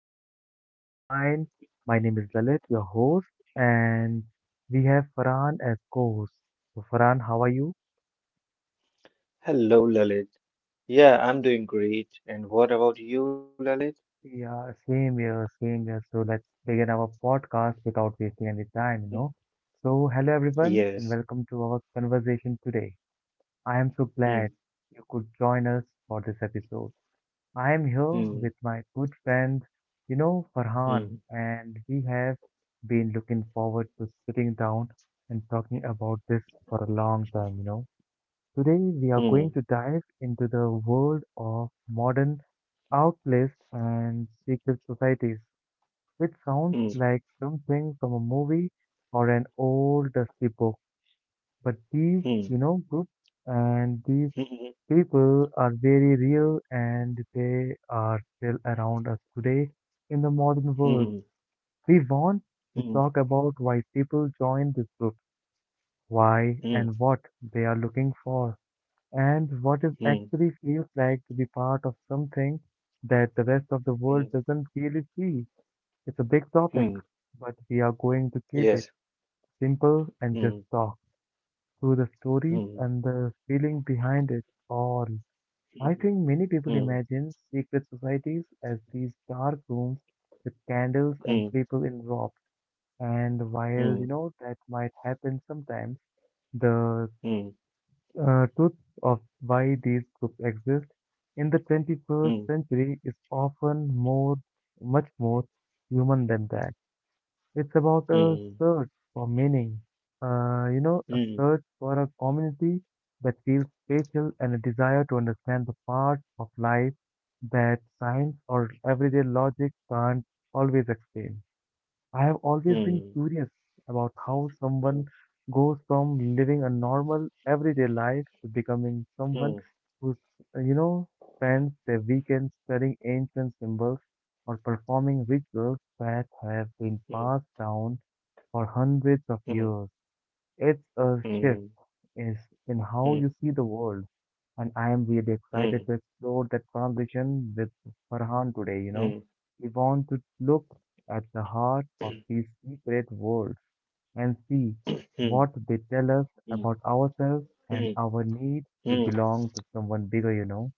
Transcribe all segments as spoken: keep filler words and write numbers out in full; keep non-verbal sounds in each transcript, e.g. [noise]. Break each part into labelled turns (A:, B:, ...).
A: And hope you're fine. My name is Lalit, your host, and we have Farhan as co-host. So Farhan, how are you?
B: Hello, Lalit. Yeah, I'm doing great. And what about you, Lalit?
A: Yeah, same here, same here. So let's begin our podcast without wasting any time,
B: Hmm.
A: you know. So hello everyone,
B: Yes.
A: and welcome to our conversation today. I am so
B: Hmm.
A: glad you could join us for this episode. I am here
B: Hmm.
A: with my good friend, you know,
B: Hmm.
A: Farhan, and we have been looking forward to sitting down and talking about this for a long time, you know. Today we are going
B: Hmm.
A: to dive into the world of modern outlaws and secret societies, which sounds like something from a movie or an old dusty book. But these,
B: Hmm.
A: you know, groups and these
B: Hmm.
A: people are very real and they are still around us today in the modern
B: Hmm.
A: world.
B: Hmm.
A: We want to talk about why people join this group, why
B: Hmm.
A: and what they are looking for, and what it
B: Hmm. Hmm.
A: actually feels like to be part of something that the rest of the
B: Hmm.
A: world doesn't really see. It's a big topic,
B: Hmm.
A: but we are going to keep it
B: Yes.
A: simple and just
B: Hmm.
A: talk through the stories
B: Hmm.
A: and the feeling behind it all. I
B: Hmm.
A: think many people
B: Hmm.
A: imagine secret societies as these dark rooms with candles and
B: Hmm.
A: people in robes. And while you know that might happen sometimes, the
B: Hmm.
A: uh, truth of why these groups exist in the twenty-first
B: Hmm.
A: century is often more, much more human than that. It's about a
B: Hmm.
A: search for meaning, uh, you know, a
B: Hmm.
A: search for a community that feels special and a desire to understand the parts of life that science or everyday logic can't always explain. I have always been
B: Hmm.
A: curious about how someone
B: Hmm.
A: goes from living a normal everyday life to becoming someone
B: Hmm.
A: who, uh, you know, spends their weekends studying ancient symbols or performing rituals that have been
B: Hmm.
A: passed down for hundreds of
B: Hmm.
A: years. It's a shift
B: Hmm.
A: is In how you see the world, and I am really excited to
B: Hmm.
A: explore that transition with Farhan today. You
B: Hmm.
A: know,
B: Hmm.
A: we want to look at the heart of these secret worlds and see
B: Hmm.
A: what they tell us about ourselves and
B: Hmm.
A: our need to
B: Hmm.
A: belong to someone bigger, you know.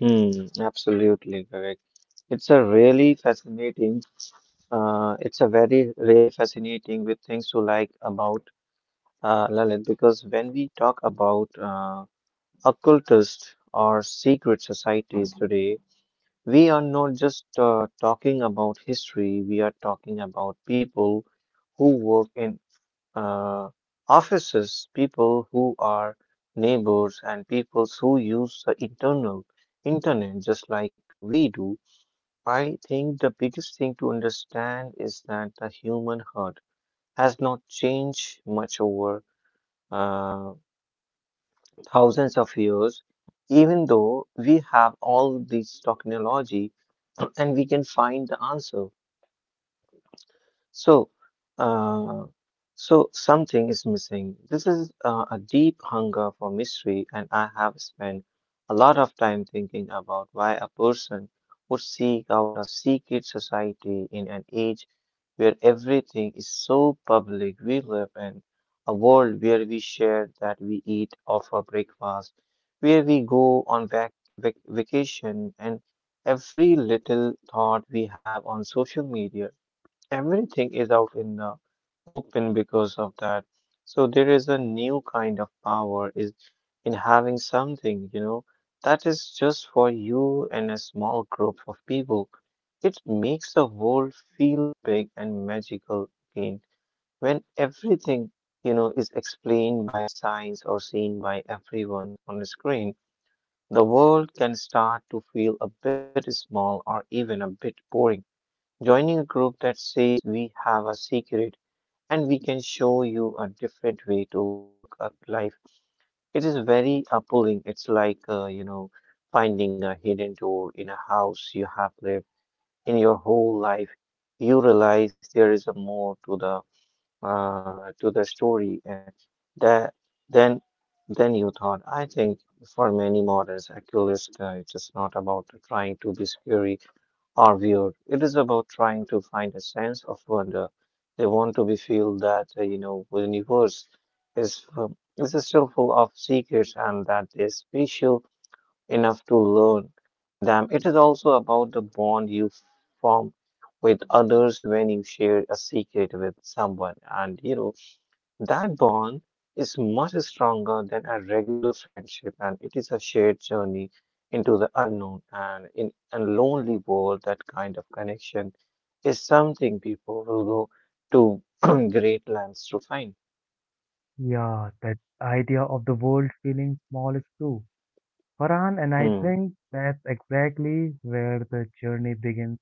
B: Hmm, absolutely correct. It's a really fascinating, uh, it's a very really fascinating with things to like about uh, Lalit, because when we talk about uh, occultist or secret societies today, we are not just uh, talking about history. We are talking about people who work in uh, offices, people who are neighbors, and people who use the internal internet just like we do. I think the biggest thing to understand is that the human heart has not changed much over uh, thousands of years, even though we have all this technology [clears throat] and we can find the answer. So, uh, so something is missing. This is uh, a deep hunger for mystery, and I have spent a lot of time thinking about why a person would seek out a secret society in an age where everything is so public. We live in a world where we share that we eat or for breakfast, where we go on vac vac vacation, and every little thought we have on social media, everything is out in the open because of that. So there is a new kind of power is in having something, you know, that is just for you and a small group of people. It makes the world feel big and magical again when everything, you know, is explained by science or seen by everyone's on the screen. The world can start to feel a bit small or even a bit boring. Joining a group that says we have a secret and we can show you a different way to look at life, it is very appealing. It's like, uh, you know, finding a hidden door in a house you have lived in your whole life. You realize there is a more to the uh, to the story uh, that than than you thought. I think for many moderns, actualists, uh, it is not about trying to be scary are weird. It is about trying to find a sense of wonder. They want to be feel that uh, you know the universe is fu- is still full of secrets and that is special enough to learn them. It is also about the bond you form with others. When you share a secret with someone, and you know that bond is much stronger than a regular friendship, and it is a shared journey into the unknown. And in a lonely world, that kind of connection is something people will go to [clears throat] great lengths to find.
A: Yeah, that idea of the world feeling small is true. Farhan, and I
B: Hmm.
A: think that's exactly where the journey begins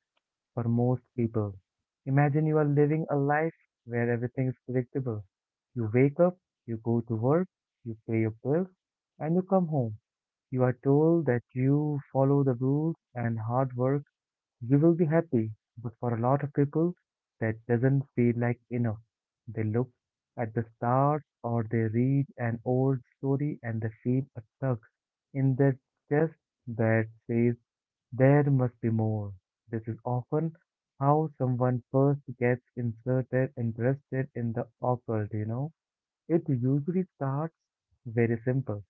A: for most people. Imagine you are living a life where everything is predictable. You wake up, you go to work, you pay your bills, and you come home. You are told that you follow the rules and hard work, you will be happy. But for a lot of people, that doesn't feel like enough. They look at the stars or they read an old story and they feel a tug in their chest that says there must be more. This is often how someone first gets inserted, interested in the occult, you know. It usually starts very simple.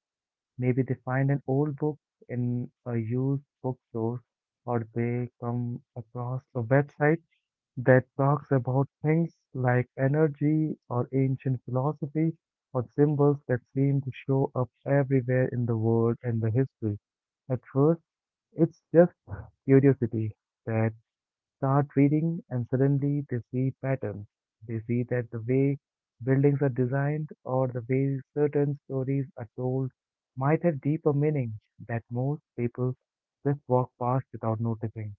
A: Maybe they find an old book in a used bookstore, or they come across a website that talks about things like energy or ancient philosophy or symbols that seem to show up everywhere in the world and the history. At first, it's just curiosity that start reading and suddenly they see patterns. They see that the way buildings are designed or the way certain stories are told might have deeper meaning that most people just walk past without noticing.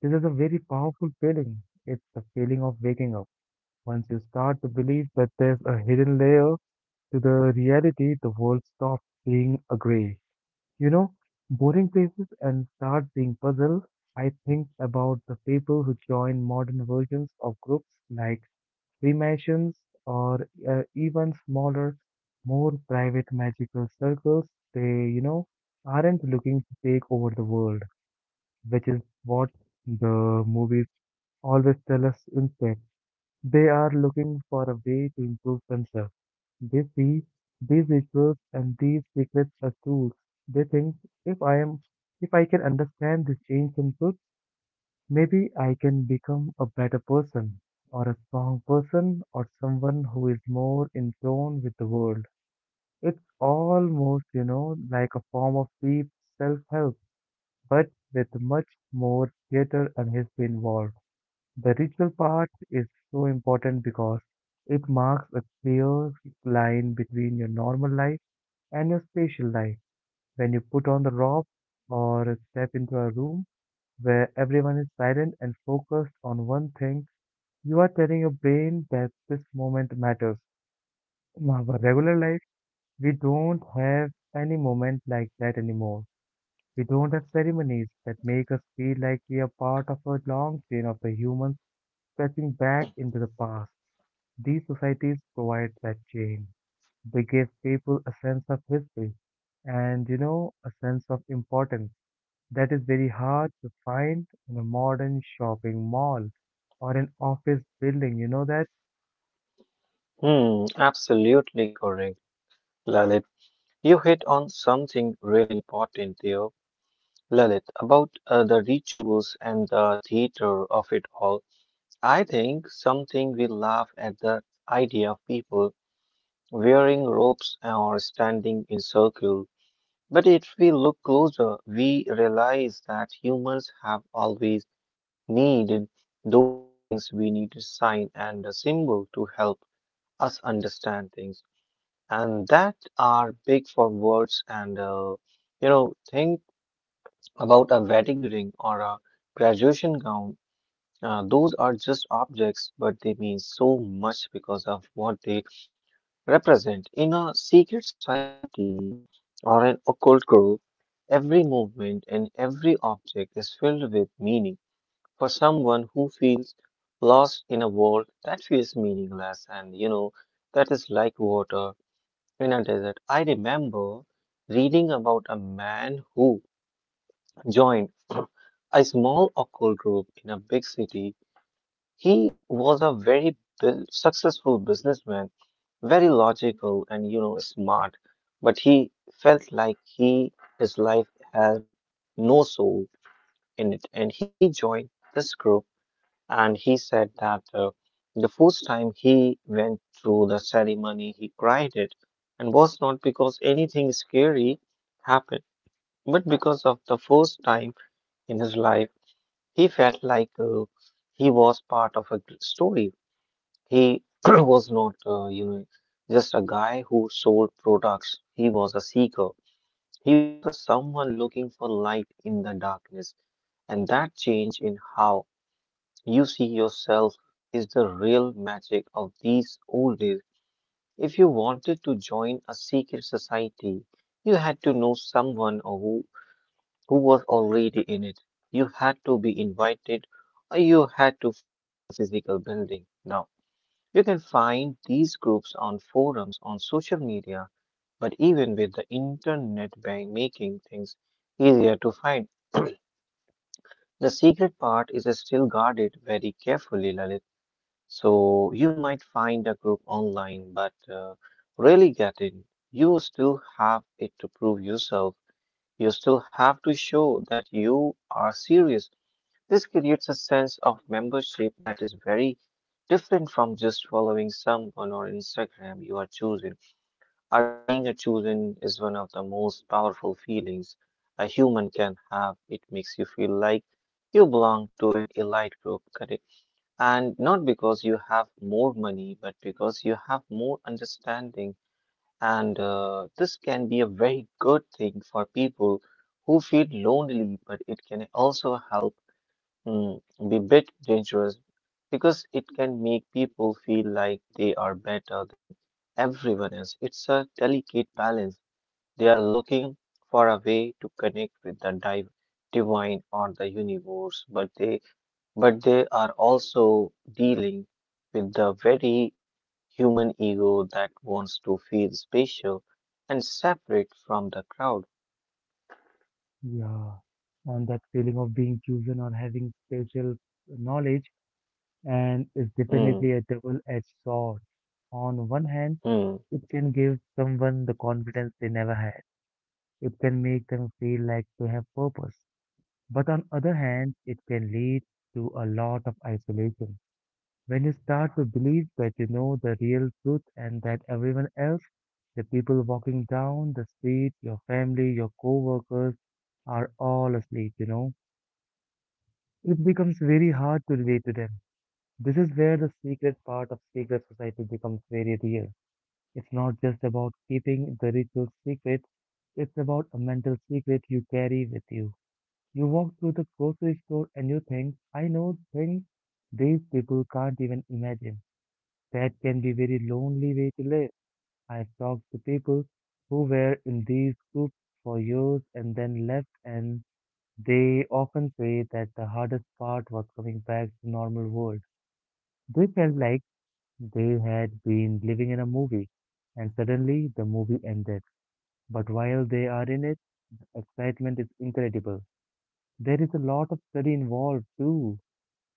A: This is a very powerful feeling. It's the feeling of waking up. Once you start to believe that there's a hidden layer to the reality, the world stops being a gray, you know, boring places and start being puzzled. I think about the people who join modern versions of groups like Freemasons or uh, even smaller, more private magical circles. They, you know, aren't looking to take over the world, which is what the movies always tell us instead. They are looking for a way to improve themselves. They see these rituals and these secrets as tools. They think if I am if I can understand this change in truth, maybe I can become a better person or a strong person or someone who is more in tune with the world. It's almost, you know, like a form of deep self help, but with much more theater and history involved. The ritual part is so important because it marks a clear line between your normal life and your spatial life. When you put on the robe or step into a room where everyone is silent and focused on one thing, you are telling your brain that this moment matters. In our regular life, we don't have any moment like that anymore. We don't have ceremonies that make us feel like we are part of a long chain of the humans stretching back into the past. These societies provide that chain. They give people a sense of history and, you know, a sense of importance that is very hard to find in a modern shopping mall or an office building. You know that?
B: Hmm. Absolutely correct, Lalit. You hit on something really important there, Lalit, about uh, the rituals and the theater of it all. I think something we laugh at the idea of people wearing ropes or standing in circle. But if we look closer, we realize that humans have always needed those things. We need a sign and a symbol to help us understand things. And that are big for words and uh, you know think about a wedding ring or a graduation gown. Uh, those are just objects, but they mean so much because of what they represent. In a secret society, or an occult group, every movement and every object is filled with meaning. For someone who feels lost in a world that feels meaningless and, you know, that is like water in a desert. I remember reading about a man who joined [clears throat] a small occult group in a big city. He was a very bu- successful businessman, very logical and you know smart, but he felt like he his life had no soul in it. And he joined this group and he said that uh, the first time he went through the ceremony, he cried it and was not because anything scary happened, but because of the first time in his life he felt like uh, he was part of a g- story. He [clears throat] was not, uh, you know, just a guy who sold products. He was a seeker. He was a someone looking for light in the darkness. And that change in how you see yourself is the real magic of these old days. If you wanted to join a secret society, you had to know someone or who, who was already in it. You had to be invited, or you had to find a physical building. Now, you can find these groups on forums, on social media, but even with the internet by making things easier to find, [clears throat] the secret part is still guarded very carefully, Lalit. So you might find a group online, but uh, really get in, you still have it to prove yourself. You still have to show that you are serious. This creates a sense of membership that is very different from just following someone on Instagram. You are chosen, or being a chosen is one of the most powerful feelings a human can have. It makes you feel like you belong to an elite group, correct? And not because you have more money, but because you have more understanding. And uh, this can be a very good thing for people who feel lonely, but it can also help. Mm, the bit dangerous because it can make people feel like they are better than everyone else. It's a delicate balance. They are looking for a way to connect with the div divine or the universe, but they but they are also dealing with the very human ego that wants to feel special and separate from the crowd.
A: Yeah. And that feeling of being chosen or having special knowledge and is
B: Mm,
A: definitely a double-edged sword. On one hand,
B: mm.
A: it can give someone the confidence they never had. It can make them feel like they have purpose. But on other hand, it can lead to a lot of isolation. When you start to believe that you know the real truth and that everyone else, the people walking down the street, your family, your coworkers, are all asleep, you know, it becomes very hard to relate to them. This is where the secret part of secret society becomes very real. It's not just about keeping the ritual secret, it's about a mental secret you carry with you. You walk through the grocery store and you think, I know things these people can't even imagine. That can be very lonely way to live. I've talked to people who were in these groups for years and then left, and they often say that the hardest part was coming back to normal world. They felt like they had been living in a movie, and suddenly the movie ended. But while they are in it, excitement is incredible. There is a lot of study involved too.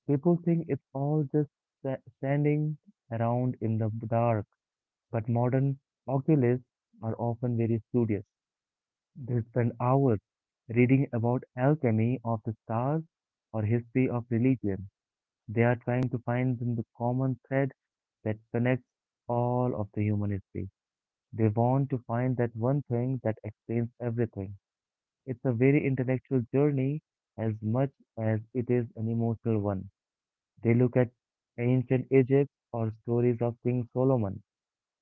A: People think it's all just sta- standing around in the dark, but modern occult are often very studious. They spend hours reading about alchemy of the stars or history of religion. They are trying to find the common thread that connects all of the human history. They want to find that one thing that explains everything. It's a very intellectual journey as much as it is an emotional one. They look at ancient Egypt or stories of King Solomon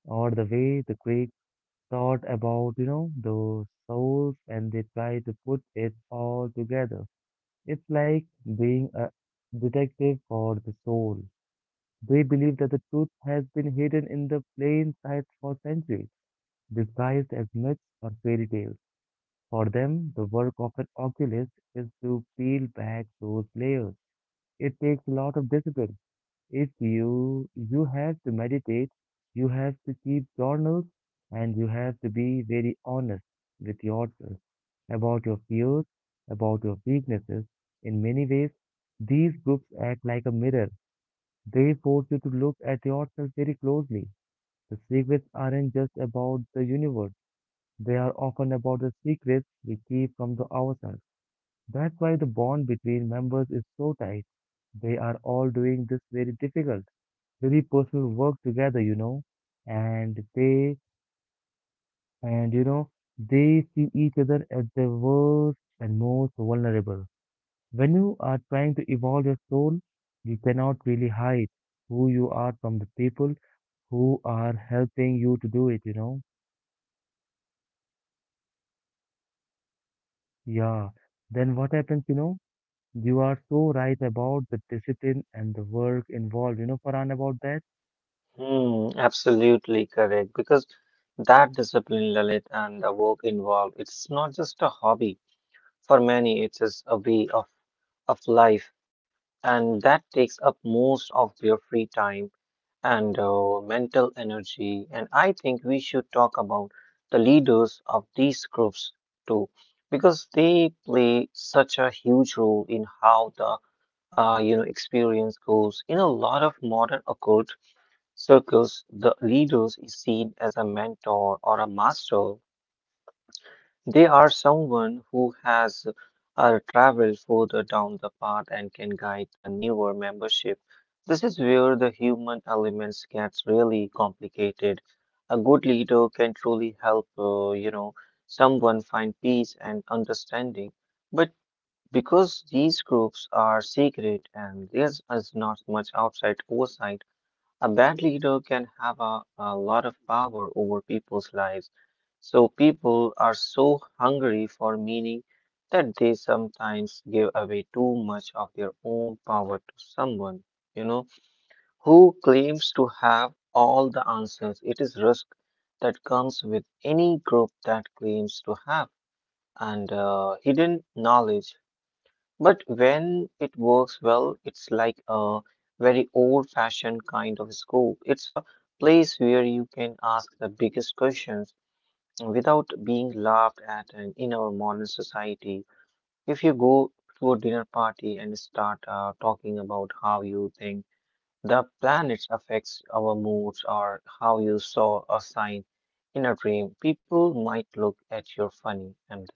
A: or the way the Greek thought about, you know, those souls and they try to put it all together. It's like being a detective for the soul. They believe that the truth has been hidden in the plain sight for centuries, disguised as myths or fairy tales. For them, the work of an oculist is to peel back those layers. It takes a lot of discipline if you you have to meditate, you have to keep journals, and you have to be very honest with yourself about your fears, about your weaknesses. In many ways, these groups act like a mirror. They force you to look at yourself very closely. The secrets aren't just about the universe. They are often about the secrets we keep from the ourselves. That's why the bond between members is so tight. They are all doing this very difficult really personal work together, you know, and they, and you know, they see each other as their worst and most vulnerable. When you are trying to evolve your soul, you cannot really hide who you are from the people who are helping you to do it, you know. Yeah. Then what happens, you know? You are so right about the discipline and the work involved, you know, Farhan, about that?
B: Hmm, absolutely correct. Because that discipline, Lalit, and the work involved, it's not just a hobby. For many, it's a way of, of life, and that takes up most of your free time and uh, mental energy. And I think we should talk about the leaders of these groups too, because they play such a huge role in how the uh, you know experience goes. In a lot of modern occult circles, the leader is seen as a mentor or a master. They are someone who has uh, traveled further down the path and can guide the newer membership. This is where the human elements gets really complicated. A good leader can truly help uh, you know, someone find peace and understanding. But because these groups are secret and there is not much outside oversight, a bad leader can have a, a lot of power over people's lives. So people are so hungry for meaning that they sometimes give away too much of their own power to someone, you know, who claims to have all the answers. It is risk that comes with any group that claims to have and uh, hidden knowledge. But when it works well, it's like a very old-fashioned kind of school. It's a place where you can ask the biggest questions without being laughed at. And in our modern society, if you go to a dinner party and start uh, talking about how you think the planets affects our moods or how you saw a sign in a dream, people might look at you funny and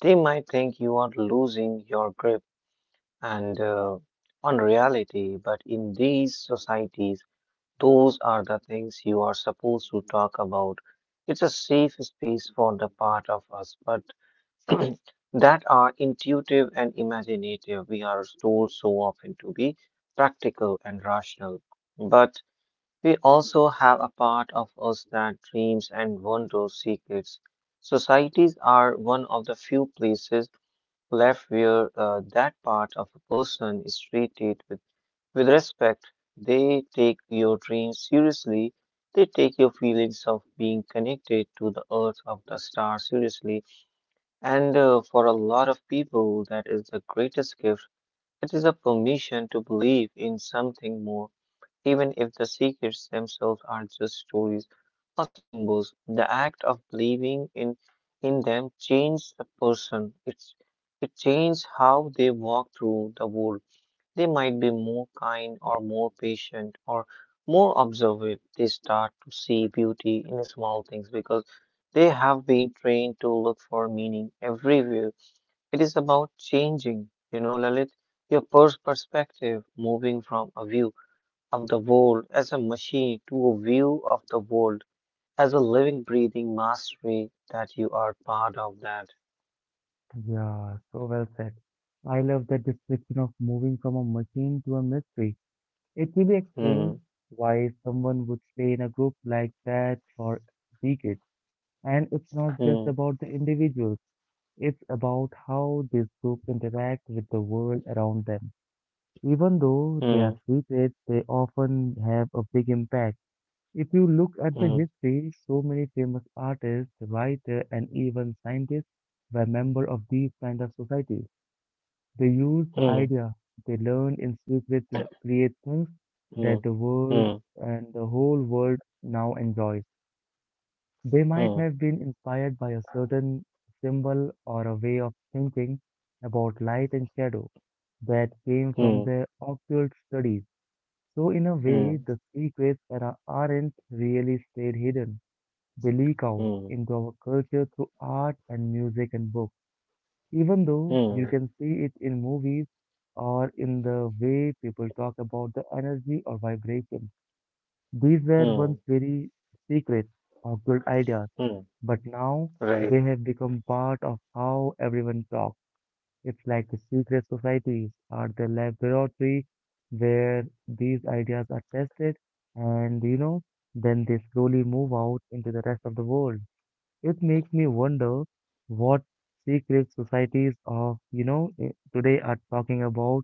B: they might think you are losing your grip and uh, on reality. But in these societies, those are the things you are supposed to talk about. It's a safe space for the part of us, but [clears throat] that are intuitive and imaginative. We are told so often to be practical and rational, but we also have a part of us that dreams and wonders secrets. Societies are one of the few places left where uh, that part of a person is treated with, with respect. They take your dreams seriously. They take your feelings of being connected to the earth of the star seriously. And uh, for a lot of people, that is the greatest gift. It is a permission to believe in something more, even if the secrets themselves are just stories or symbols. The act of believing in in them changes a person. It's it changes how they walk through the world. They might be more kind or more patient or more observant. They start to see beauty in small things because they have been trained to look for meaning everywhere. It is about changing, you know, Lalit, your pers- perspective, moving from a view of the world as a machine to a view of the world as a living, breathing mastery that you are part of that.
A: Yeah, so well said. I love that description of moving from a machine to a mystery. It really explains
B: Hmm,
A: why someone would stay in a group like that for decades. And it's not just
B: hmm,
A: about the individuals, it's about how these groups interact with the world around them. Even though they
B: hmm,
A: are secrets, they often have a big impact. If you look at the
B: hmm,
A: history, so many famous artists, writers, and even scientists were members of these kind of societies. They use the
B: hmm,
A: idea they learn in secret to create things
B: hmm,
A: that the world
B: hmm,
A: and the whole world now enjoys. They might
B: hmm,
A: have been inspired by a certain symbol or a way of thinking about light and shadow that came from
B: hmm,
A: their occult studies. So, in a way, the secrets that are, aren't really stayed hidden. They leak out
B: hmm,
A: into our culture through art and music and books, even though you
B: hmm, hmm,
A: can see it in movies or in the way people talk about the energy or vibration. These were once
B: hmm,
A: very secret, occult ideas,
B: hmm,
A: but now
B: right.
A: they have become part of how everyone talks. It's like the secret societies are the laboratory where these ideas are tested and you know, then they slowly move out into the rest of the world. It makes me wonder what secret societies of, you know, eh, today are talking about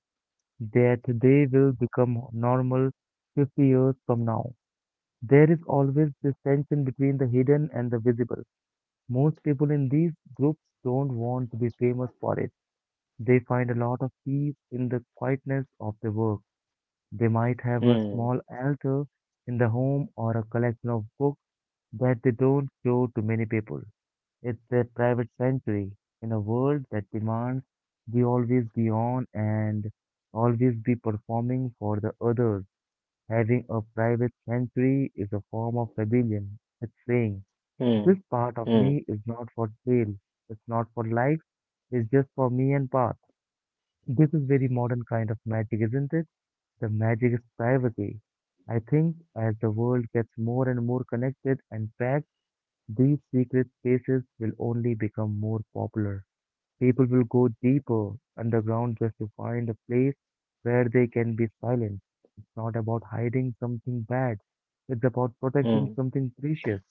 A: that they will become normal fifty years from now. There is always this tension between the hidden and the visible. Most people in these groups don't want to be famous for it. They find a lot of peace in the quietness of their work. They might have a
B: Hmm,
A: small altar in the home or a collection of books that they don't show to many people. It's a private sanctuary in a world that demands we always be on and always be performing for the others. Having a private sanctuary is a form of rebellion. It's saying, this
B: hmm,
A: part of me
B: hmm,
A: is not for sale, it's not for life, it's just for me and Path. This is very modern kind of magic, isn't it? The magic is privacy. I think as the world gets more and more connected and packed, these secret spaces will only become more popular. People will go deeper underground just to find a place where they can be silent. It's not about hiding something bad, it's about protecting
B: hmm,
A: something precious.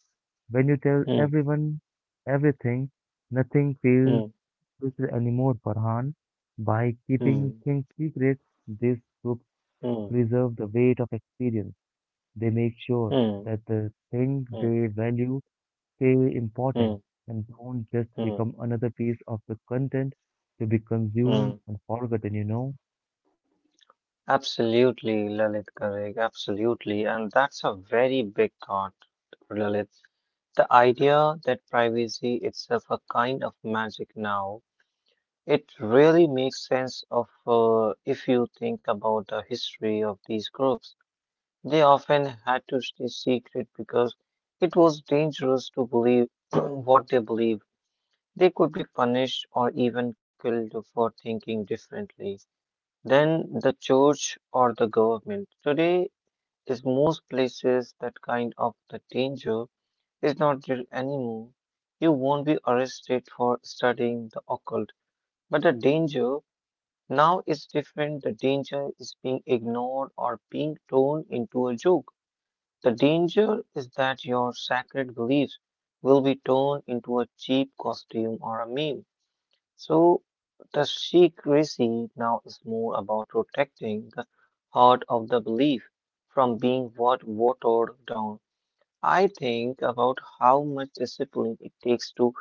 A: When you tell
B: hmm,
A: everyone everything, nothing feels
B: hmm,
A: special anymore, Farhan. By keeping
B: hmm,
A: things secret, these groups
B: hmm,
A: preserve the weight of experience. They make sure
B: hmm,
A: that the things
B: hmm,
A: they value stay important
B: hmm,
A: and don't just
B: hmm,
A: become another piece of the content to be consumed
B: hmm,
A: and forgotten, you know?
B: absolutely, Lalit, correct. Absolutely. And that's a very big thought, Lalit. The idea that privacy itself a kind of magic now, it really makes sense of uh, if you think about the history of these groups. They often had to stay secret because it was dangerous to believe [clears throat] what they believed. They could be punished or even killed for thinking differently than the church or the government. Today, is most places that kind of the danger is not real anymore. You won't be arrested for studying the occult, but the danger now is different. The danger is being ignored or being turned into a joke. The danger is that your sacred beliefs will be turned into a cheap costume or a meme. So the Sikh resi now is more about protecting the heart of the belief from being what watered down. I think about how much discipline it takes to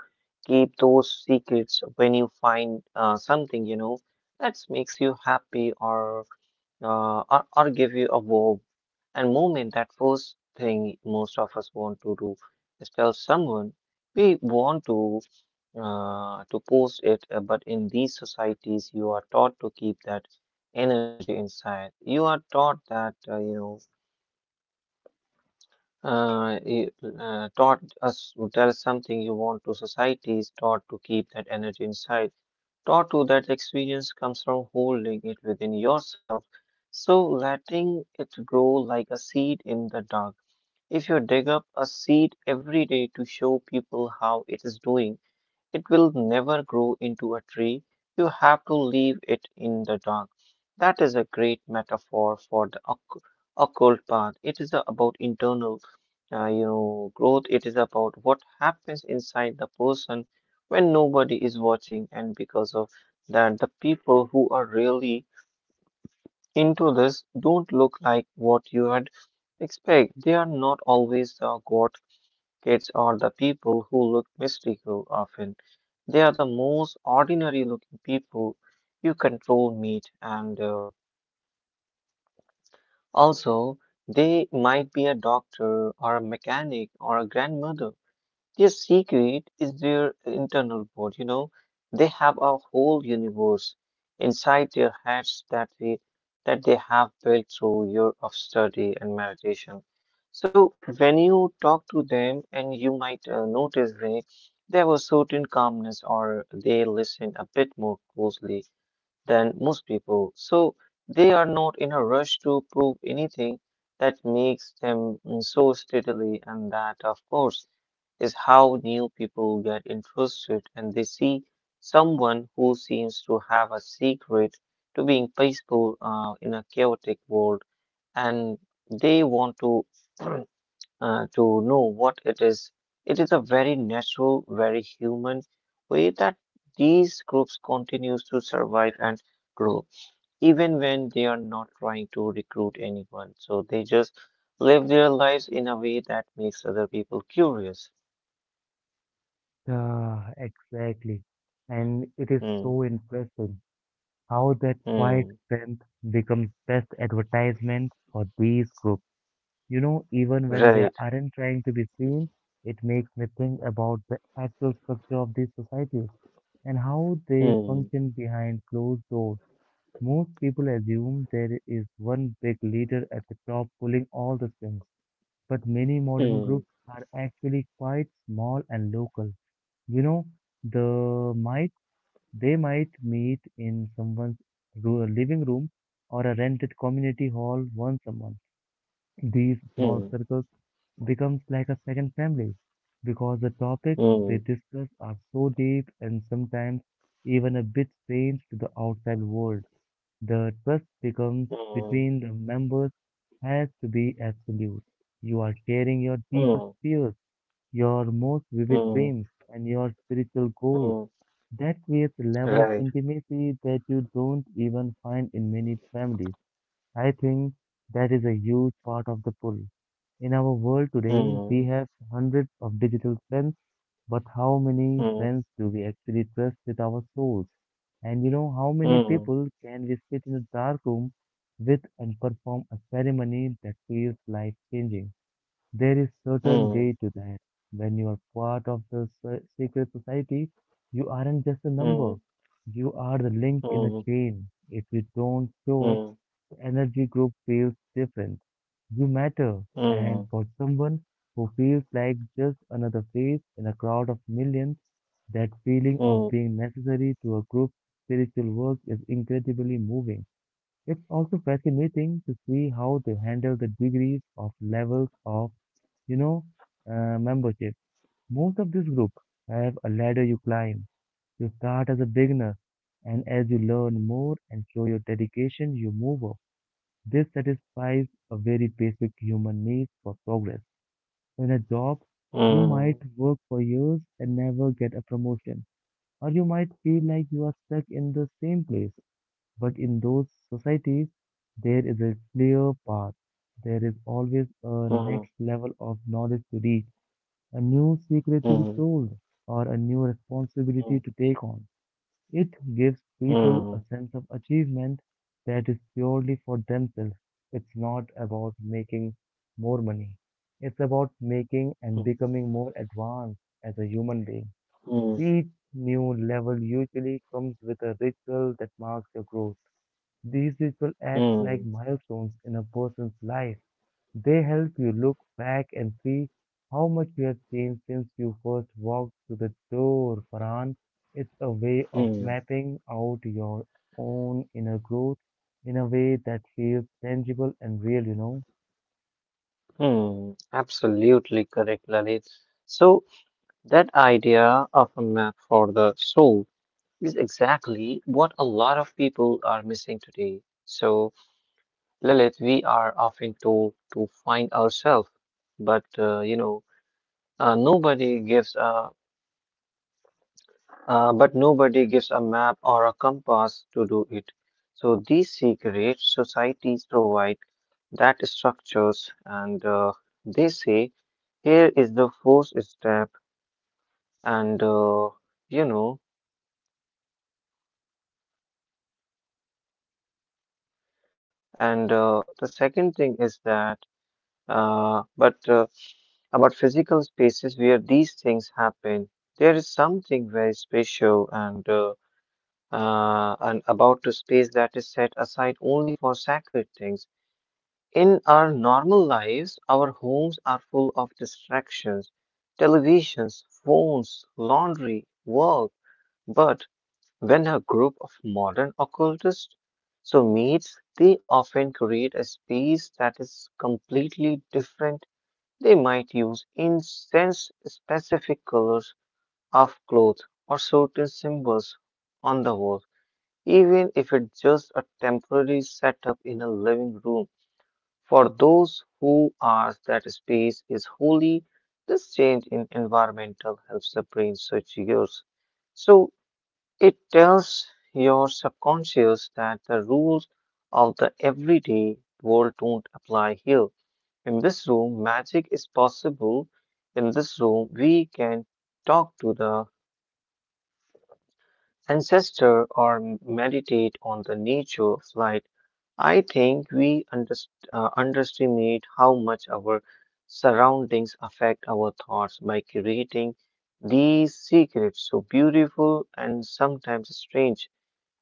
B: keep those secrets when you find uh, something, you know, that makes you happy or, uh, or or give you a warm and moment. That first thing most of us want to do is tell someone we want to uh, to post it, uh, but in these societies, you are taught to keep that energy inside. You are taught that, uh, you know, uh, it, uh, taught us to tell something you want to societies, taught to keep that energy inside, taught to that experience comes from holding it within yourself. So letting it grow like a seed in the dark. If you dig up a seed every day to show people how it is doing, it will never grow into a tree. You have to leave it in the dark. That is a great metaphor for the occ- occult path. It is about internal, uh, you know, growth. It is about what happens inside the person when nobody is watching, and because of that, the people who are really into this don't look like what you had expect. They are not always the god Kids are the people who look mystical often. They are the most ordinary looking people you control meet, and uh, also they might be a doctor or a mechanic or a grandmother. Their secret is their internal world, you know. They have a whole universe inside their heads that they that they have built through years of study and meditation. So when you talk to them, and you might uh, notice they there was certain calmness, or they listen a bit more closely than most people, so they are not in a rush to prove anything that makes them mm, so steadily, and that, of course, is how new people get interested and they see someone who seems to have a secret to being peaceful uh, in a chaotic world and they want to [clears throat] uh, to know what it is. It is a very natural, very human way that these groups continues to survive and grow, even when they are not trying to recruit anyone. So they just live their lives in a way that makes other people curious.
A: Yeah, exactly. And it is
B: Hmm.
A: so interesting how that quiet
B: Hmm.
A: strength becomes best advertisement for these groups. You know, even when they
B: Right.
A: aren't trying to be seen, it makes me think about the actual structure of these societies and how they
B: Hmm.
A: function behind closed doors. Most people assume there is one big leader at the top pulling all the strings, but many modern
B: Hmm.
A: groups are actually quite small and local. You know, the might they might meet in someone's ru- uh, living room or a rented community hall once a month. These
B: Hmm.
A: small circles becomes like a second family because the topics
B: Hmm.
A: they discuss are so deep and sometimes even a bit strange to the outside world. The trust becomes
B: Hmm.
A: between the members has to be absolute. You are sharing your deepest
B: Hmm.
A: fears, your most vivid
B: Hmm.
A: dreams, and your spiritual goals.
B: Hmm.
A: That creates a level of
B: Right.
A: intimacy that you don't even find in many families. I think that is a huge part of the pull. In our world today, we
B: Hmm.
A: have hundreds of digital friends, but how many
B: Hmm.
A: friends do we actually trust with our souls? And you know, how many
B: Hmm.
A: people can we sit in a dark room with and perform a ceremony that feels life changing? There is certain
B: Hmm.
A: way to that. When you are part of the se- secret society, you aren't just a number.
B: Hmm.
A: You are the link in a
B: Hmm.
A: chain. If you don't show up,
B: Hmm.
A: energy group feels different. You matter, and
B: Mm,
A: for someone who feels like just another face in a crowd of millions, that feeling of
B: mm,
A: being necessary to a group's spiritual work is incredibly moving. It's also fascinating to see how they handle the degrees of levels of, you know, uh, membership. Most of these groups have a ladder you climb. You start as a beginner, and as you learn more and show your dedication, you move up. This satisfies a very basic human need for progress. In a job, you
B: mm,
A: might work for years and never get a promotion, or you might feel like you are stuck in the same place. But in those societies, there is a clear path. There is always a
B: mm,
A: next level of knowledge to reach, a new secret to
B: mm,
A: be told, or a new
B: mm,
A: responsibility to take on. It gives people
B: mm,
A: a sense of achievement that is purely for themselves. It's not about making more money. It's about making
B: mm,
A: and becoming more advanced as a human being.
B: mm,
A: Each new level usually comes with a ritual that marks your growth. These rituals act
B: mm,
A: like milestones in a person's life. They help you look back and see how much you have changed since you first walked through the door, Farhan. It's a way of
B: mm,
A: mapping out your own inner growth in a way that feels tangible and real, you know.
B: mm. Absolutely correct, Lalit. So, that idea of a map for the soul is exactly what a lot of people are missing today. So, Lalit, we are often told to find ourselves, but uh, you know, uh, nobody gives a Uh, but nobody gives a map or a compass to do it. So these secret societies provide that structures and uh, they say, here is the first step, and uh, you know, and uh, the second thing is that, uh, but uh, about physical spaces where these things happen, there is something very special and uh, uh, and about a space that is set aside only for sacred things. In our normal lives, our homes are full of distractions, televisions, phones, laundry, work. But when a group of modern occultists so meets, they often create a space that is completely different. They might use incense specific colors of clothes or certain symbols on the wall, even if it's just a temporary setup in a living room. For those who are that space is holy, this change in environmental helps the brain switch gears. So it tells your subconscious that the rules of the everyday world don't apply here. In this room, magic is possible. In this room, we can talk to the ancestor or meditate on the nature of light. I think we underst- uh, underestimate how much our surroundings affect our thoughts by creating these secret, so beautiful and sometimes strange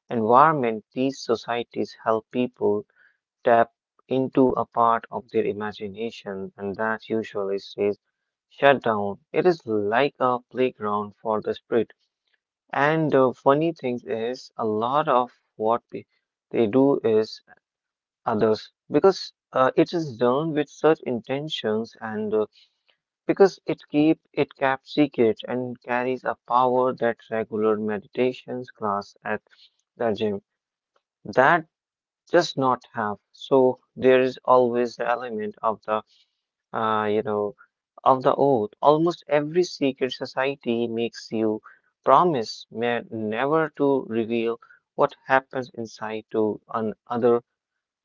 B: environment these societies help people tap into a part of their imagination and that usually stays shut down. It is like a playground for the spirit and the funny thing is, a lot of what pe- they do is others because uh, it is done with such intentions and uh, because it keep it kept secret and carries a power that regular meditations class at the gym that does not have. So there is always the element of the uh, you know, of the oath. Almost every secret society makes you promise ne- never to reveal what happens inside to an other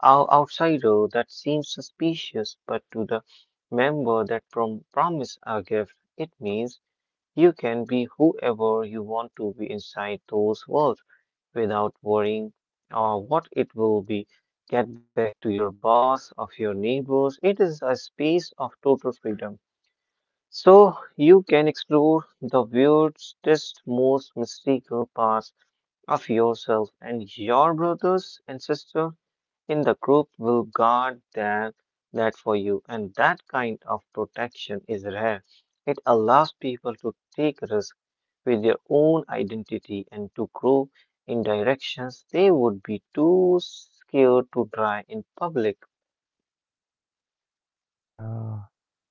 B: ou- outsider. That seems suspicious, but to the member that prom- promise a gift, it means you can be whoever you want to be inside those walls without worrying uh, what it will be. Get back to your boss, of your neighbors. It is a space of total freedom. So you can explore the weirdest, most mystical parts of yourself, and your brothers and sisters in the group will guard that, that for you. And that kind of protection is rare. It allows people to take risks with their own identity and to grow in directions they would be too scared to try in public.
A: Yeah,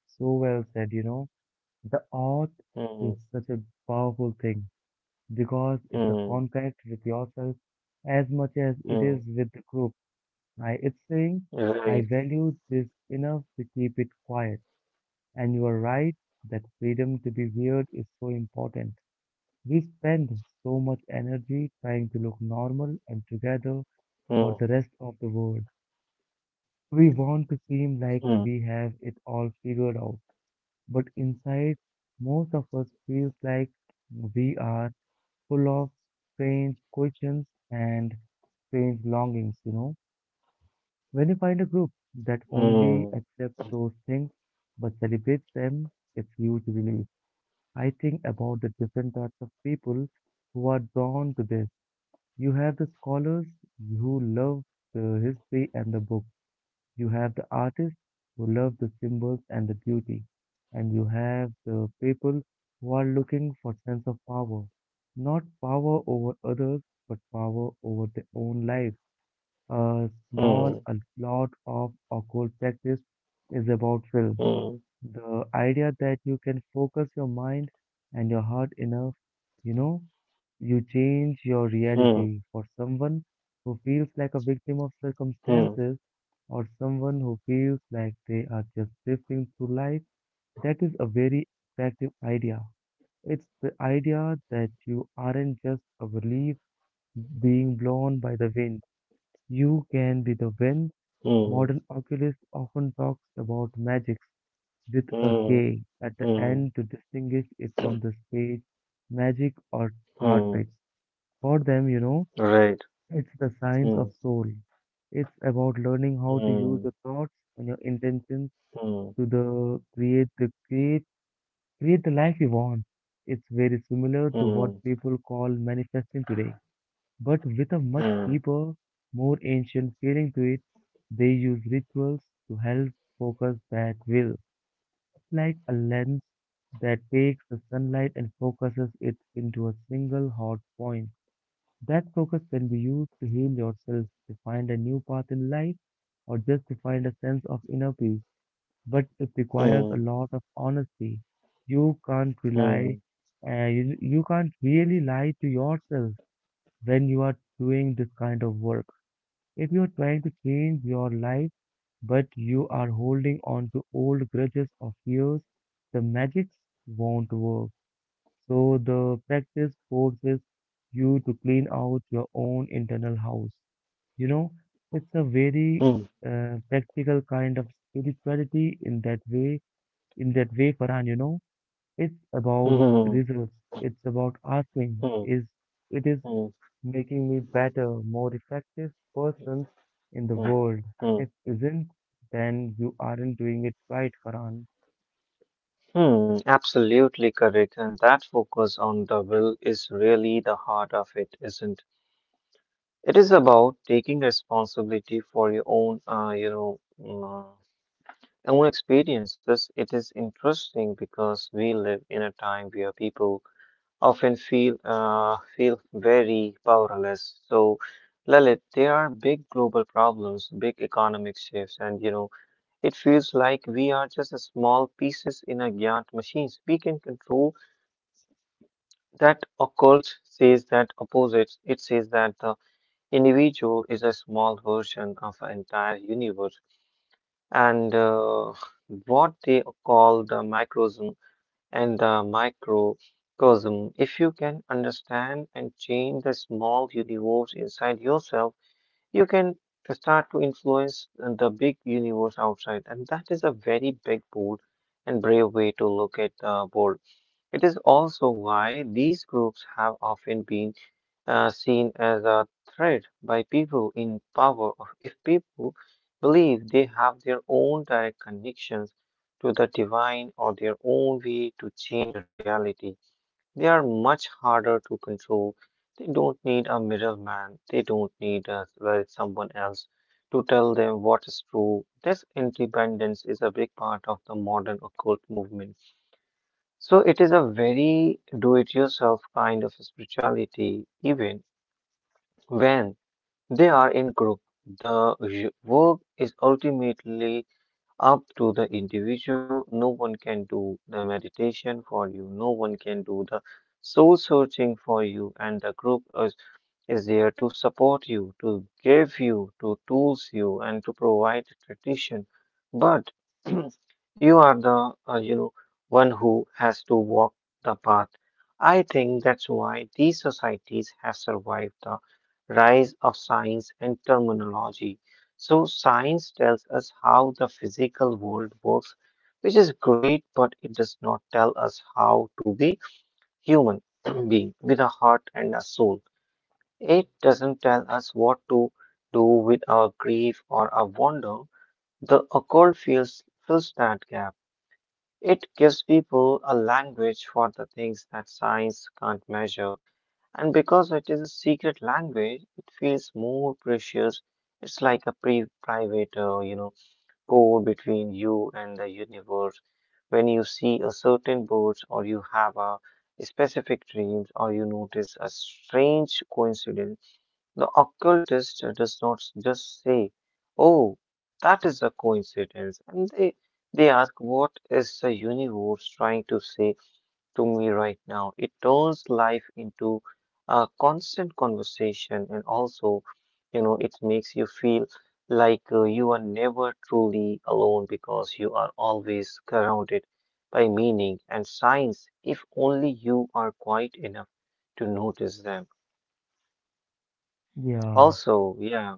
A: so well said, you know. The art is
B: Hmm,
A: such a powerful thing because it's a
B: hmm,
A: contact with yourself as much as it is
B: hmm,
A: with the group. I, it's saying,
B: right.
A: I value this enough to keep it quiet. And you are right that freedom to be weird is so important. We spend so much energy trying to look normal and together for
B: Hmm,
A: the rest of the world. We want to seem like
B: hmm,
A: we have it all figured out, but inside, most of us feels like we are full of strange questions and strange longings, you know. When you find a group that
B: hmm.
A: only accepts those things but celebrates them, it's huge relief. I think about the different types of people who are drawn to this. You have the scholars who love the history and the book. You have the artists who love the symbols and the beauty. And you have the people who are looking for sense of power. Not power over others, but power over their own lives. A small,
B: Hmm.
A: a lot of occult practice is about will.
B: Hmm.
A: The idea that you can focus your mind and your heart enough, you know, you change your
B: Hmm.
A: reality for someone who feels like a victim of
B: Hmm.
A: circumstances or someone who feels like they are just drifting through life. That is a very attractive idea. It's the idea that you aren't just a leaf being blown by the wind. You can be the wind.
B: Hmm.
A: Modern oculist often talks about magic with a
B: Hmm.
A: K at the
B: Hmm.
A: end to distinguish it from the spade, magic, or
B: Mm.
A: cartrix. For them, you know,
B: Right.
A: it's the science
B: Hmm.
A: of soul. It's about learning how to use
B: Hmm.
A: your thoughts and your intentions
B: Hmm.
A: to the create the create create the life you want. It's very similar to what
B: Hmm.
A: people call manifesting today, but with a much
B: Hmm.
A: deeper, more ancient feeling to it. They use rituals to help focus that will, like a lens that takes the sunlight and focuses it into a single hot point. That focus can be used to heal yourself, to find a new path in life, or just to find a sense of inner peace. But it requires a
B: Hmm.
A: lot of honesty. You can't rely,
B: Hmm.
A: uh, you, you can't really lie to yourself when you are doing this kind of work. If you are trying to change your life, but you are holding on to old grudges of years, the magics won't work. So the practice forces you to clean out your own internal house. You know, it's a very
B: Hmm.
A: uh, practical kind of spirituality in that way. In that way, Farhan, you know, it's about
B: Hmm.
A: results. It's about asking.
B: Hmm.
A: Is it is
B: Hmm. Hmm.
A: making me better, more effective persons in the world. If
B: Mm,
A: isn't, then you aren't doing it right, Karan.
B: mm. Absolutely correct. And that focus on the will is really the heart of it, isn't it? It is about taking responsibility for your own, uh, you know, mm, own experiences. It is interesting because we live in a time where people often feel uh, feel very powerless. So, Lalit, there are big global problems, big economic shifts, and you know, it feels like we are just a small pieces in a giant machines. We can control that occult says that opposites. It says that the individual is a small version of an entire universe, and uh, what they call the microcosm and the microcosm. If you can understand and change the small universe inside yourself, you can start to influence the big universe outside. And that is a very big, bold, and brave way to look at the world. It is also why these groups have often been uh, seen as a threat by people in power, or if people believe they have their own direct connections to the divine or their own way to change reality, they are much harder to control. They don't need a middleman, they don't need uh, well, someone else to tell them what is true. This independence is a big part of the modern occult movement. So it is a very do it yourself kind of spirituality, even when they are in group. The j- work is ultimately up to the individual. No one can do the meditation for you. No one can do the soul searching for you. And the group is is there to support you, to give you, to tools you, and to provide tradition. But [clears throat] you are the, uh, you know, one who has to walk the path. I think that's why these societies have survived the rise of science and terminology. So science tells us how the physical world works, which is great, but it does not tell us how to be human [clears throat] being with a heart and a soul. It doesn't tell us what to do with our grief or our wonder. The occult fills, fills that gap. It gives people a language for the things that science can't measure. And because it is a secret language, it feels more precious. It's like a pre private, uh, you know, code between you and the universe. When you see a certain bird or you have a specific dreams or you notice a strange coincidence, the occultist does not just say, "Oh, that is a coincidence." And they, they ask, "What is the universe trying to say to me right now?" It turns life into a constant conversation and also, you know, it makes you feel like uh, you are never truly alone because you are always surrounded by meaning and signs if only you are quiet enough to notice them.
A: Yeah,
B: Also, yeah.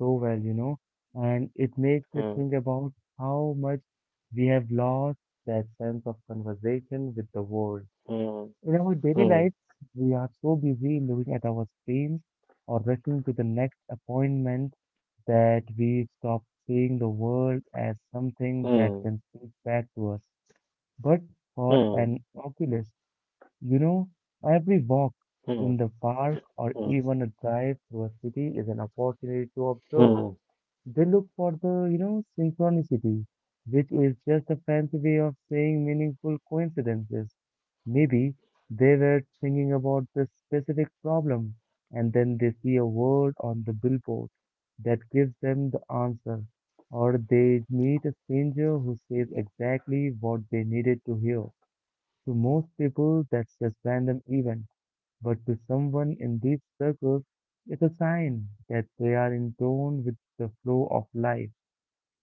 A: so well, you know. And it makes me
B: Hmm.
A: think about how much we have lost that sense of conversation with the world.
B: Hmm.
A: In our daily
B: Hmm.
A: lives, we are so busy looking at our screens or rushing to the next appointment that we stop seeing the world as something that
B: Hmm.
A: can speak back to us. But for
B: Hmm.
A: an oculist, You know, every walk
B: Hmm.
A: in the park or even a drive through a city is an opportunity to observe.
B: Hmm.
A: They look for the, you know, synchronicity, which is just a fancy way of saying meaningful coincidences. Maybe they were thinking about this specific problem and then they see a word on the billboard that gives them the answer, or they meet a stranger who says exactly what they needed to hear. To most people, that's just random event, but to someone in these circles, it's a sign that they are in tune with the flow of life.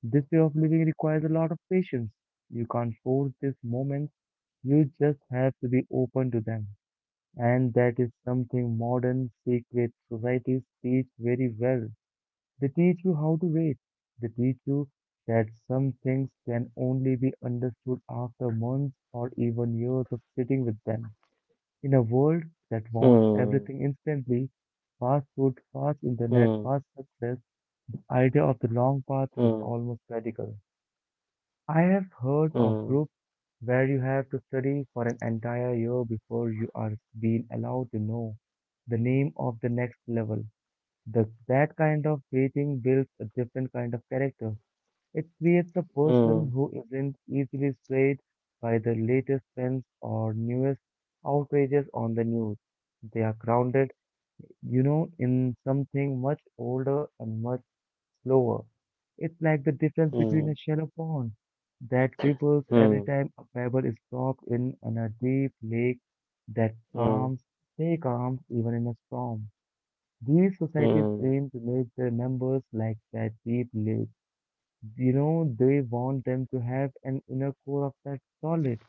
A: This way of living requires a lot of patience. You can't force these moments, you just have to be open to them. And that is something modern secret societies teach very well. They teach you how to wait. They teach you that some things can only be understood after months or even years of sitting with them. In a world that wants
B: Hmm.
A: everything instantly, fast food, fast internet,
B: Hmm.
A: fast success, the idea of the long path is almost radical. I have heard of
B: Hmm.
A: groups where you have to study for an entire year before you are being allowed to know the name of the next level. The, that kind of waiting builds a different kind of character. It creates a person
B: Hmm.
A: who isn't easily swayed by the latest trends or newest outrages on the news. They are grounded, you know, in something much older and much slower. It's like the difference between
B: Hmm.
A: a shallow pond that ripples
B: Hmm.
A: every
B: Hmm.
A: time a pebble is dropped in and a deep lake that
B: Hmm. Hmm.
A: calms, stay calm even in a storm. These
B: Hmm.
A: societies
B: Hmm.
A: aim to make their members like that deep lake. You know they want them to have an inner core of that solid.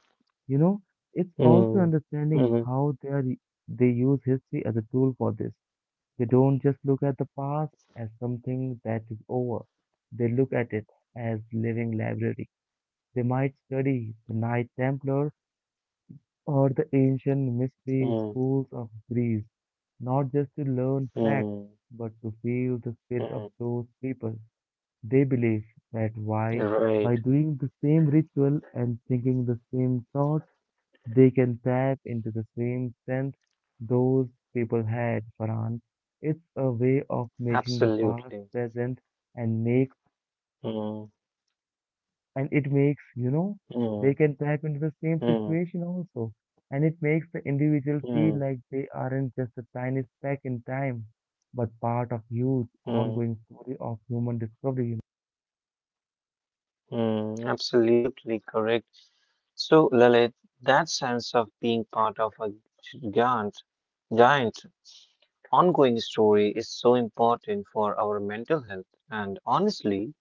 A: you know it's also
B: Hmm.
A: understanding how they are. They use history as a tool for this. They don't just look at the past as something that is over. They look at it as living library. They might study the Knight Templar or the ancient mystery
B: Hmm.
A: schools of Greece, not just to learn facts,
B: Hmm.
A: but to feel the spirit of
B: Hmm.
A: those people. They believe that why,
B: Right,
A: by doing the same ritual and thinking the same thoughts, they can tap into the same strength those people had, Farhan. It's a way of making the past
B: absolutely.
A: present and makes
B: Hmm.
A: and it makes, you know, they
B: Hmm.
A: can tap into the same
B: Hmm.
A: situation also. And it makes the individual feel
B: Hmm.
A: like they aren't just a tiny speck in time, but part of huge
B: Hmm.
A: ongoing story of human discovery.
B: Hmm. Absolutely correct. So, Lalit, that sense of being part of a giant, giant ongoing story is so important for our mental health. And honestly,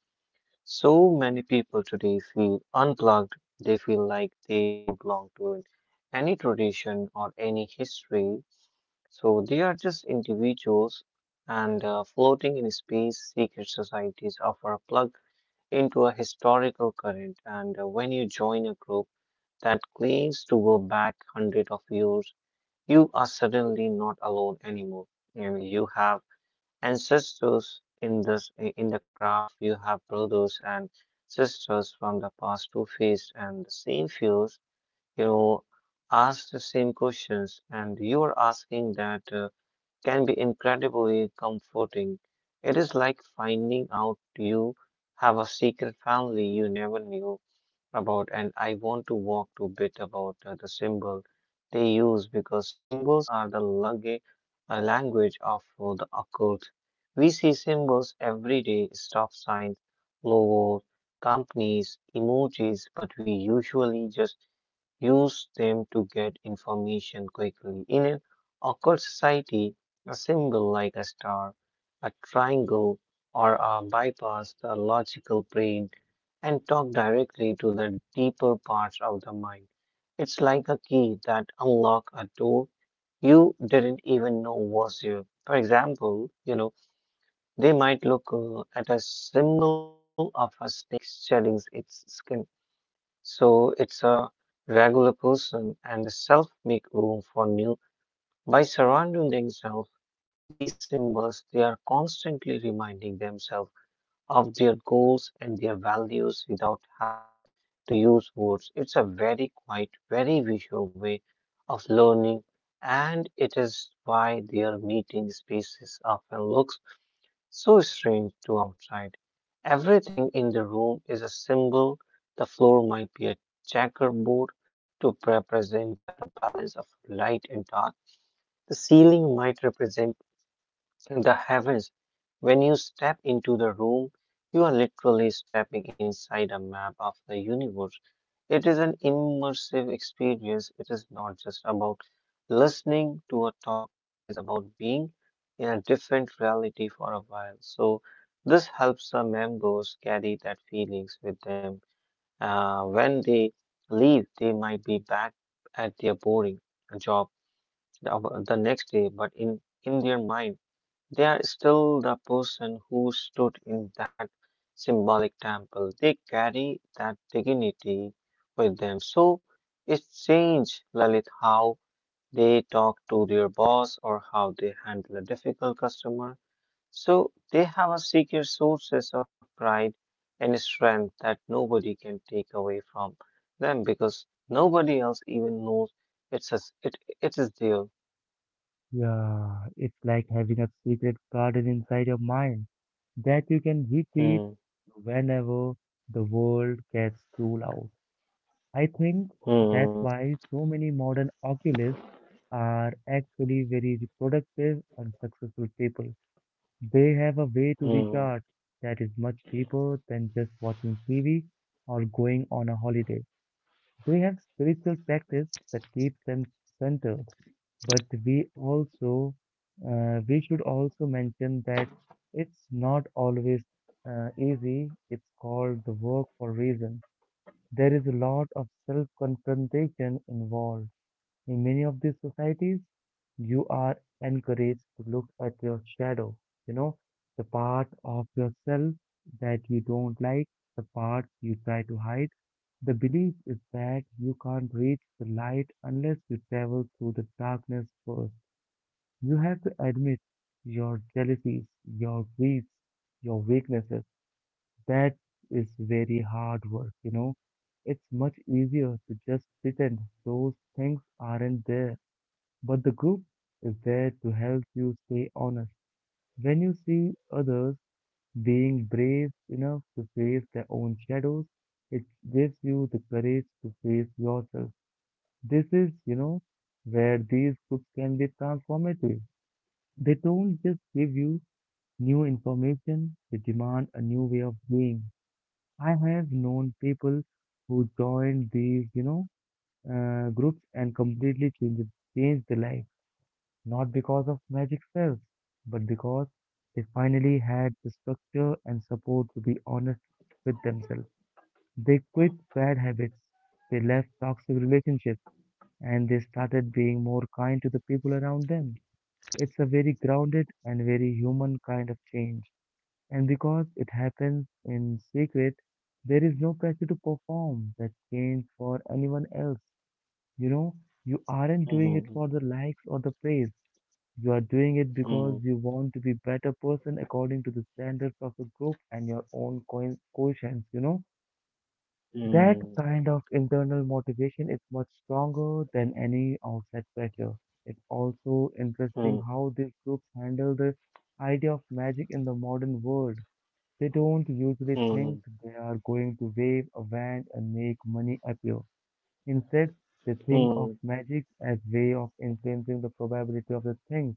B: so many people today feel unplugged. They feel like they don't belong to it, any tradition or any history. So they are just individuals and uh, floating in space. Secret societies offer a plug into a historical current. And uh, when you join a group that claims to go back hundreds of years, you are suddenly not alone anymore. You know, you have ancestors in this In the craft, you have brothers and sisters from the past who faced and the same fears you know Ask the same questions, and you are asking that uh, can be incredibly comforting. It is like finding out you have a secret family you never knew about. And I want to walk to bit about uh, the symbol they use, because symbols are the language, uh, language of uh, the occult. We see symbols every day: stop signs, logos, companies, emojis, but we usually just use them to get information quickly. In an occult society, a symbol like a star, a triangle, or a bypass the logical brain and talk directly to the deeper parts of the mind. It's like a key that unlocks a door you didn't even know was there. For example, you know, they might look uh, at a symbol of a snake shedding its skin. So it's a regular person and the self make room for new. By surrounding themselves with these symbols, they are constantly reminding themselves of their goals and their values without having to use words. It's a very quiet, very visual way of learning, and it is why their meeting spaces often looks so strange to outside. Everything in the room is a symbol. The floor might be a checkerboard to represent the balance of light and dark. The ceiling might represent the heavens. When you step into the room, you are literally stepping inside a map of the universe. It is an immersive experience. It is not just about listening to a talk, it is about being in a different reality for a while. So this helps the members carry that feelings with them. Uh, when they leave, they might be back at their boring job the the next day, but in, in their mind, they are still the person who stood in that symbolic temple. They carry that dignity with them. So it changed Lalit how they talk to their boss or how they handle a difficult customer. So they have a secret sources of pride and strength that nobody can take away from them, because nobody else even knows it's a, it, it is there.
A: Yeah, it's like having a secret garden inside your mind that you can retreat
B: Hmm,
A: whenever the world gets too loud. I think that's
B: hmm,
A: why so many modern oculists are actually very productive and successful people. They have a way to recharge
B: hmm,
A: that is much deeper than just watching T V or going on a holiday. They have spiritual practice that keeps them centered. But we also, uh, we should also mention that it's not always uh, easy. It's called the work for reason. There is a lot of self-confrontation involved. In many of these societies, you are encouraged to look at your shadow, you know, the part of yourself that you don't like, the part you try to hide. The belief is that you can't reach the light unless you travel through the darkness first. You have to admit your jealousies, your greeds, your weaknesses. That is very hard work, you know. It's much easier to just pretend those things aren't there. But the group is there to help you stay honest. When you see others being brave enough to face their own shadows, it gives you the courage to face yourself. This is, you know, where these groups can be transformative. They don't just give you new information, they demand a new way of being. I have known people who joined these, you know, uh, groups and completely changed, changed their life, not because of magic spells, but because they finally had the structure and support to be honest with themselves. They quit bad habits, they left toxic relationships, and they started being more kind to the people around them. It's a very grounded and very human kind of change. And because it happens in secret, there is no pressure to perform that change for anyone else. You know, you aren't doing it
B: hmm,
A: for the likes or the praise. You are doing it because
B: hmm, hmm,
A: you want to be better person according to the standards of the group and your own coin conscience, you know. That
B: hmm.
A: kind of internal motivation is much stronger than any outside pressure. It's also interesting
B: Hmm.
A: how these groups handle the idea of magic in the modern world. They don't usually
B: Hmm.
A: think they are going to wave a wand and make money appear. Instead, they
B: Hmm.
A: think of
B: Hmm.
A: magic as way of influencing the probability of the thing.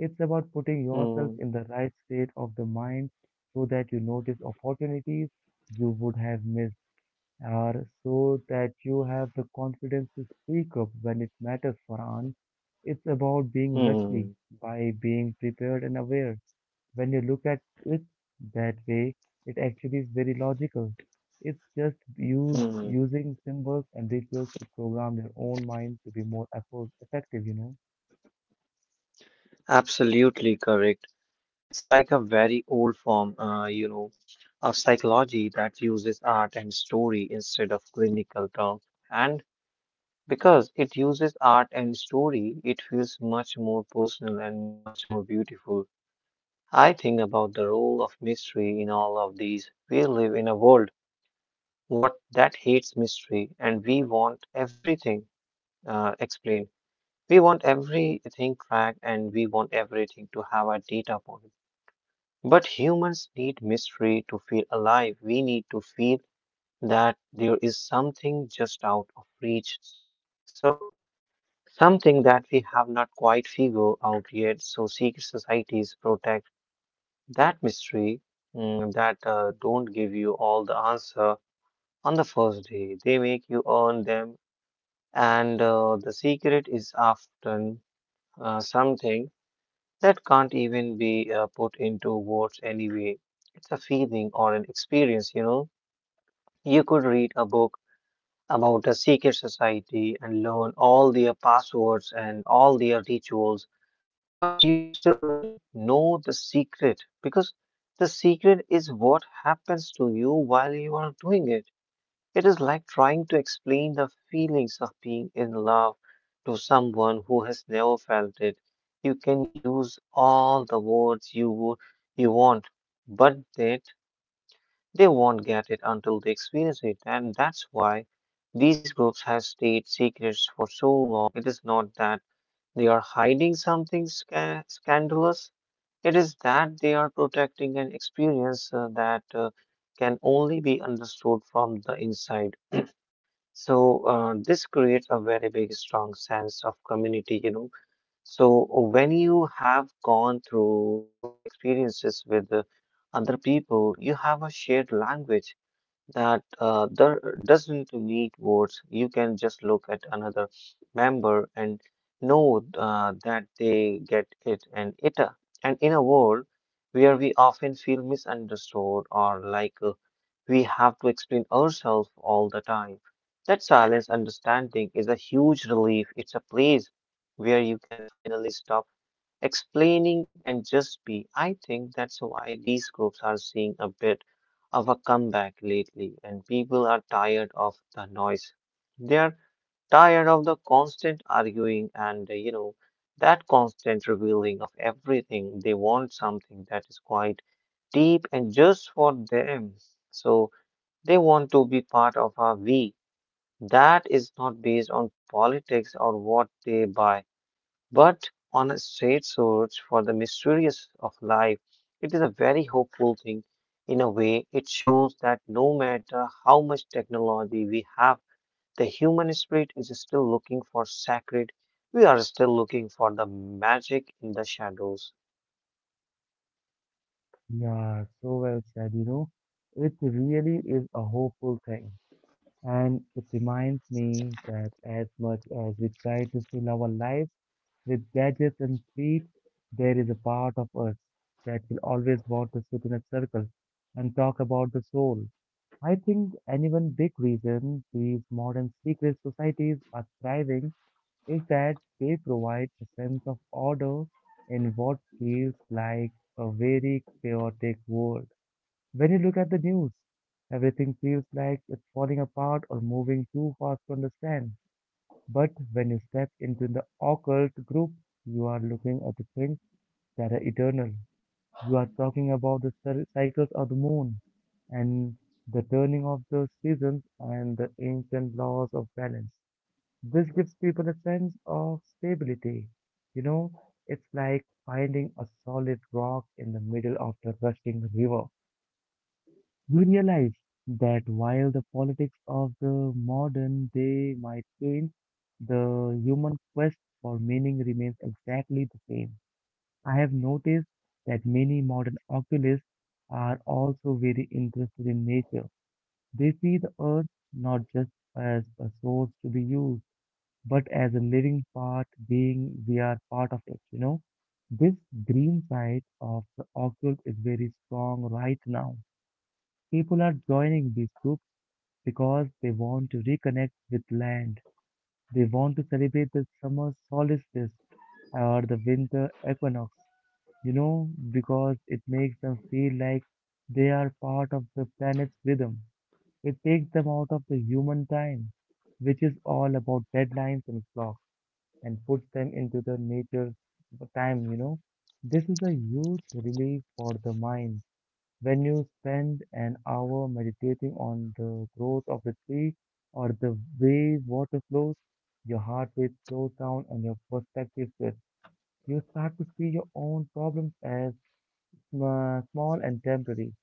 A: It's about putting
B: Hmm.
A: yourself
B: Mm.
A: in the right state of the mind so that you notice opportunities you would have missed, or so that you have the confidence to speak up when it matters, Farhan. It's about being lucky
B: Mm,
A: by being prepared and aware. When you look at it that way, it actually is very logical. It's just use,
B: mm.
A: using symbols and rituals to program your own mind to be more effort, effective, you know?
B: Absolutely correct. It's like a very old form, uh, you know, of psychology that uses art and story instead of clinical terms. And because it uses art and story, it feels much more personal and much more beautiful. I think about the role of mystery in all of these. We live in a world what that hates mystery, and we want everything uh, explained. We want everything tracked and we want everything to have a data point. But humans need mystery to feel alive. We need to feel that there is something just out of reach. So, something that we have not quite figured out yet. So, secret societies protect that mystery. Mm. That uh, don't give you all the answer on the first day. They make you earn them. And uh, the secret is often uh, something that can't even be uh, put into words anyway. It's a feeling or an experience, you know. You could read a book about a secret society and learn all their passwords and all their rituals, but you still wouldn't know the secret, because the secret is what happens to you while you are doing it. It is like trying to explain the feelings of being in love to someone who has never felt it. You can use all the words you wo- you want, but that they won't get it until they experience it, and that's why these groups have stayed secrets for so long. It is not that they are hiding something sca- scandalous. It is that they are protecting an experience uh, that uh, can only be understood from the inside. So uh, this creates a very big, strong sense of community, you know. So when you have gone through those experiences with uh, other people, you have a shared language that uh, there doesn't need votes. You can just look at another member and know uh, that they get it and it. uh, And in a world where we often feel misunderstood or like uh, we have to explain ourselves all the time, that silence understanding is a huge relief. It's a place where you can finally stop explaining and just be. I think that's why these groups are seeing a bit of a comeback lately, and people are tired of the noise. They are tired of the constant arguing and, uh, you know, that constant revealing of everything. They want something that is quite deep and just for them. So they want to be part of a we. That is not based on politics or what they buy, but on a straight search for the mysteries of life. It is a very hopeful thing. In a way, it shows that no matter how much technology we have, the human spirit is still looking for sacred. We are still looking for the magic in the shadows.
A: Yeah, so well said, you know? It really is a hopeful thing. And it reminds me that as much as we try to fill our lives with gadgets and speed, there is a part of us that will always want to sit in a circle and talk about the soul. I think any one big reason these modern secret societies are thriving is that they provide a sense of order in what feels like a very chaotic world. When you look at the news, everything feels like it's falling apart or moving too fast to understand. But when you step into the occult group, you are looking at the things that are eternal. You are talking about the cir- cycles of the moon and the turning of the seasons and the ancient laws of balance. This gives people a sense of stability. You know, it's like finding a solid rock in the middle of the rushing river. You realize that while the politics of the modern day might change, the human quest for meaning remains exactly the same. I have noticed that many modern oculists are also very interested in nature. They see the earth not just as a source to be used, but as a living part, being we are part of it, you know. This green side of the occult is very strong right now. People are joining these groups because they want to reconnect with land. They want to celebrate the summer solstice or the winter equinox, you know, because it makes them feel like they are part of the planet's rhythm. It takes them out of the human time, which is all about deadlines and clocks, and puts them into the nature's time, you know. This is a huge relief for the mind. When you spend an hour meditating on the growth of the tree or the way water flows, your heart rate slows down and your perspective shifts. You start to see your own problems as were small and temporary,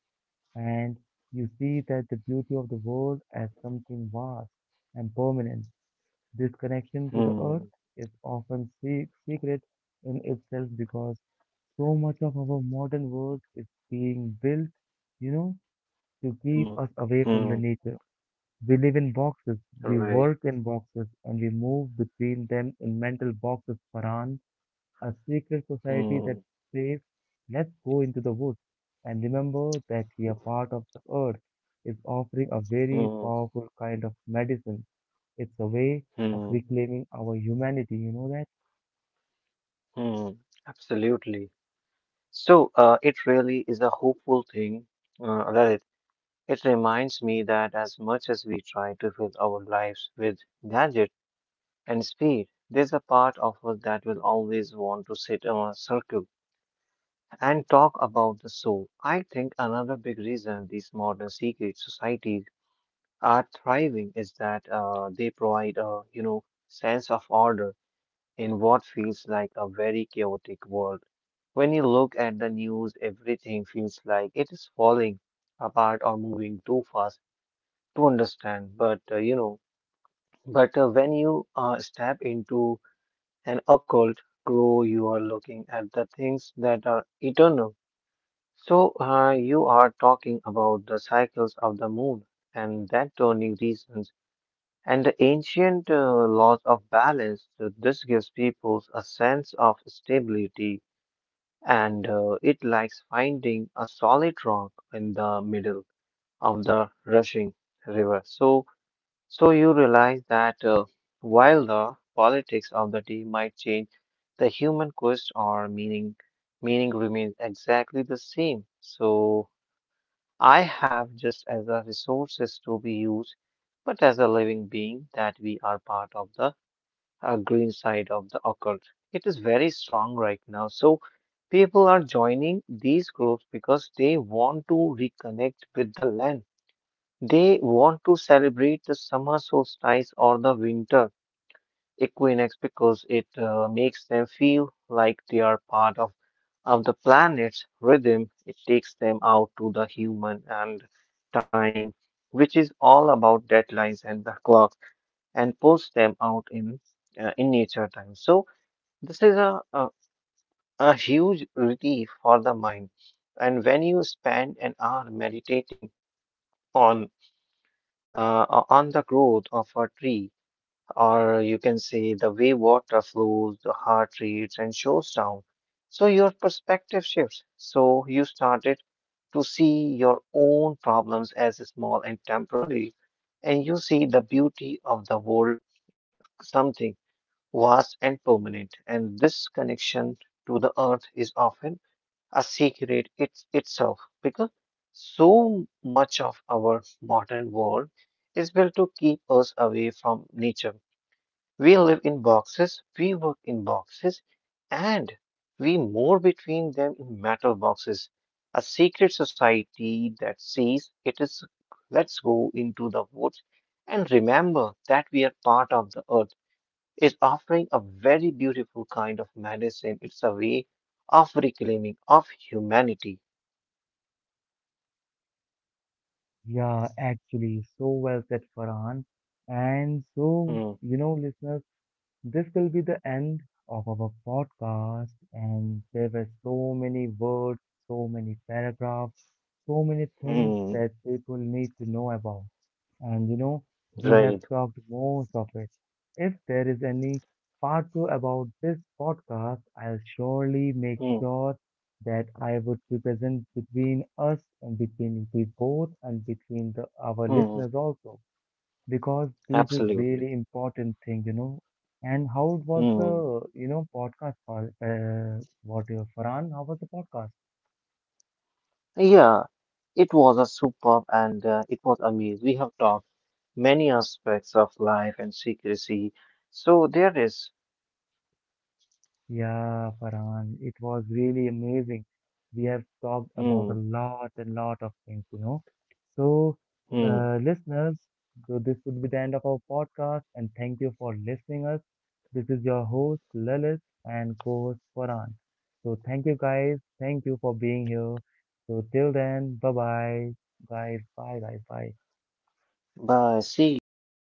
A: and you see that the beauty of the world as something vast and permanent. This connection to the
B: Hmm,
A: earth is often se- secret in itself because so much of our modern world is being built, you know, to keep
B: hmm,
A: us away from
B: hmm,
A: the nature. We live in boxes, we
B: right.
A: work in boxes, and we move between them in mental boxes, Farhan. A secret society that
B: Hmm,
A: says, let's go into the woods and remember that we are part of the earth, is offering a very
B: hmm,
A: powerful kind of medicine. It's a way of
B: hmm,
A: reclaiming our humanity, you know that?
B: hmm. Absolutely. So, uh, it really is a hopeful thing, uh, Lalit. It reminds me that as much as we try to fill our lives with gadgets and speed, there's a part of us that will always want to sit in a circle and talk about the soul. I think another big reason these modern secret societies are thriving is that uh, they provide a you know sense of order in what feels like a very chaotic world. When you look at the news, everything feels like it is falling apart or moving too fast to understand, but uh, you know, but uh, when you uh, step into an occult grow, you are looking at the things that are eternal. So uh, you are talking about the cycles of the moon and that turning reasons and the ancient uh, laws of balance. So this gives people a sense of stability, and uh, it likes finding a solid rock in the middle of the rushing river. So So you realize that uh, while the politics of the day might change, the human quest or meaning meaning remains exactly the same. So I have just as a resources to be used, but as a living being that we are part of the uh, green side of the occult. It is very strong right now. So people are joining these groups because they want to reconnect with the land. They want to celebrate the summer solstice or the winter equinox because it uh, makes them feel like they are part of, of the planet's rhythm. It takes them out to the human and time, which is all about deadlines and the clock, and puts them out in uh, in nature time. So this is a, a a huge relief for the mind. And when you spend an hour meditating on uh, on the growth of a tree or you can say the way water flows, the heart rates, and shows down. So your perspective shifts. So you started to see your own problems as small and temporary, and you see the beauty of the world as something vast and permanent. And this connection to the earth is often a secret it, itself, because so much of our modern world is built to keep us away from nature. We live in boxes, we work in boxes, and we move between them in metal boxes. A secret society that says it is, let's go into the woods and remember that we are part of the earth, is offering a very beautiful kind of medicine. It's a way of reclaiming of humanity.
A: Yeah, actually, so well said, Farhan. And so,
B: Hmm,
A: you know, listeners, this will be the end of our podcast. And there were so many words, so many paragraphs, so many things
B: hmm,
A: that people need to know about. And you know, we have
B: right.
A: talked most of it. If there is any part two about this podcast, I'll surely make
B: Hmm,
A: sure that I would be present between us and between we both and between the, our
B: hmm,
A: listeners also, because this is
B: absolutely.
A: really important thing, you know. And how was
B: Hmm.
A: the, you know, podcast, for, uh, what, uh, Farhan, how was the podcast?
B: Yeah, it was a superb and uh, it was amazing. We have talked many aspects of life and secrecy. So there is,
A: Yeah, Farhan, it was really amazing. We have talked about a
B: hmm,
A: lot and lot of things, you know. So,
B: hmm.
A: uh, listeners, so this would be the end of our podcast, and thank you for listening us. This is your host Lalit and co-host Farhan. So, thank you guys. Thank you for being here. So, till then, bye bye, guys. Bye, guys. Bye.
B: Bye. See you signing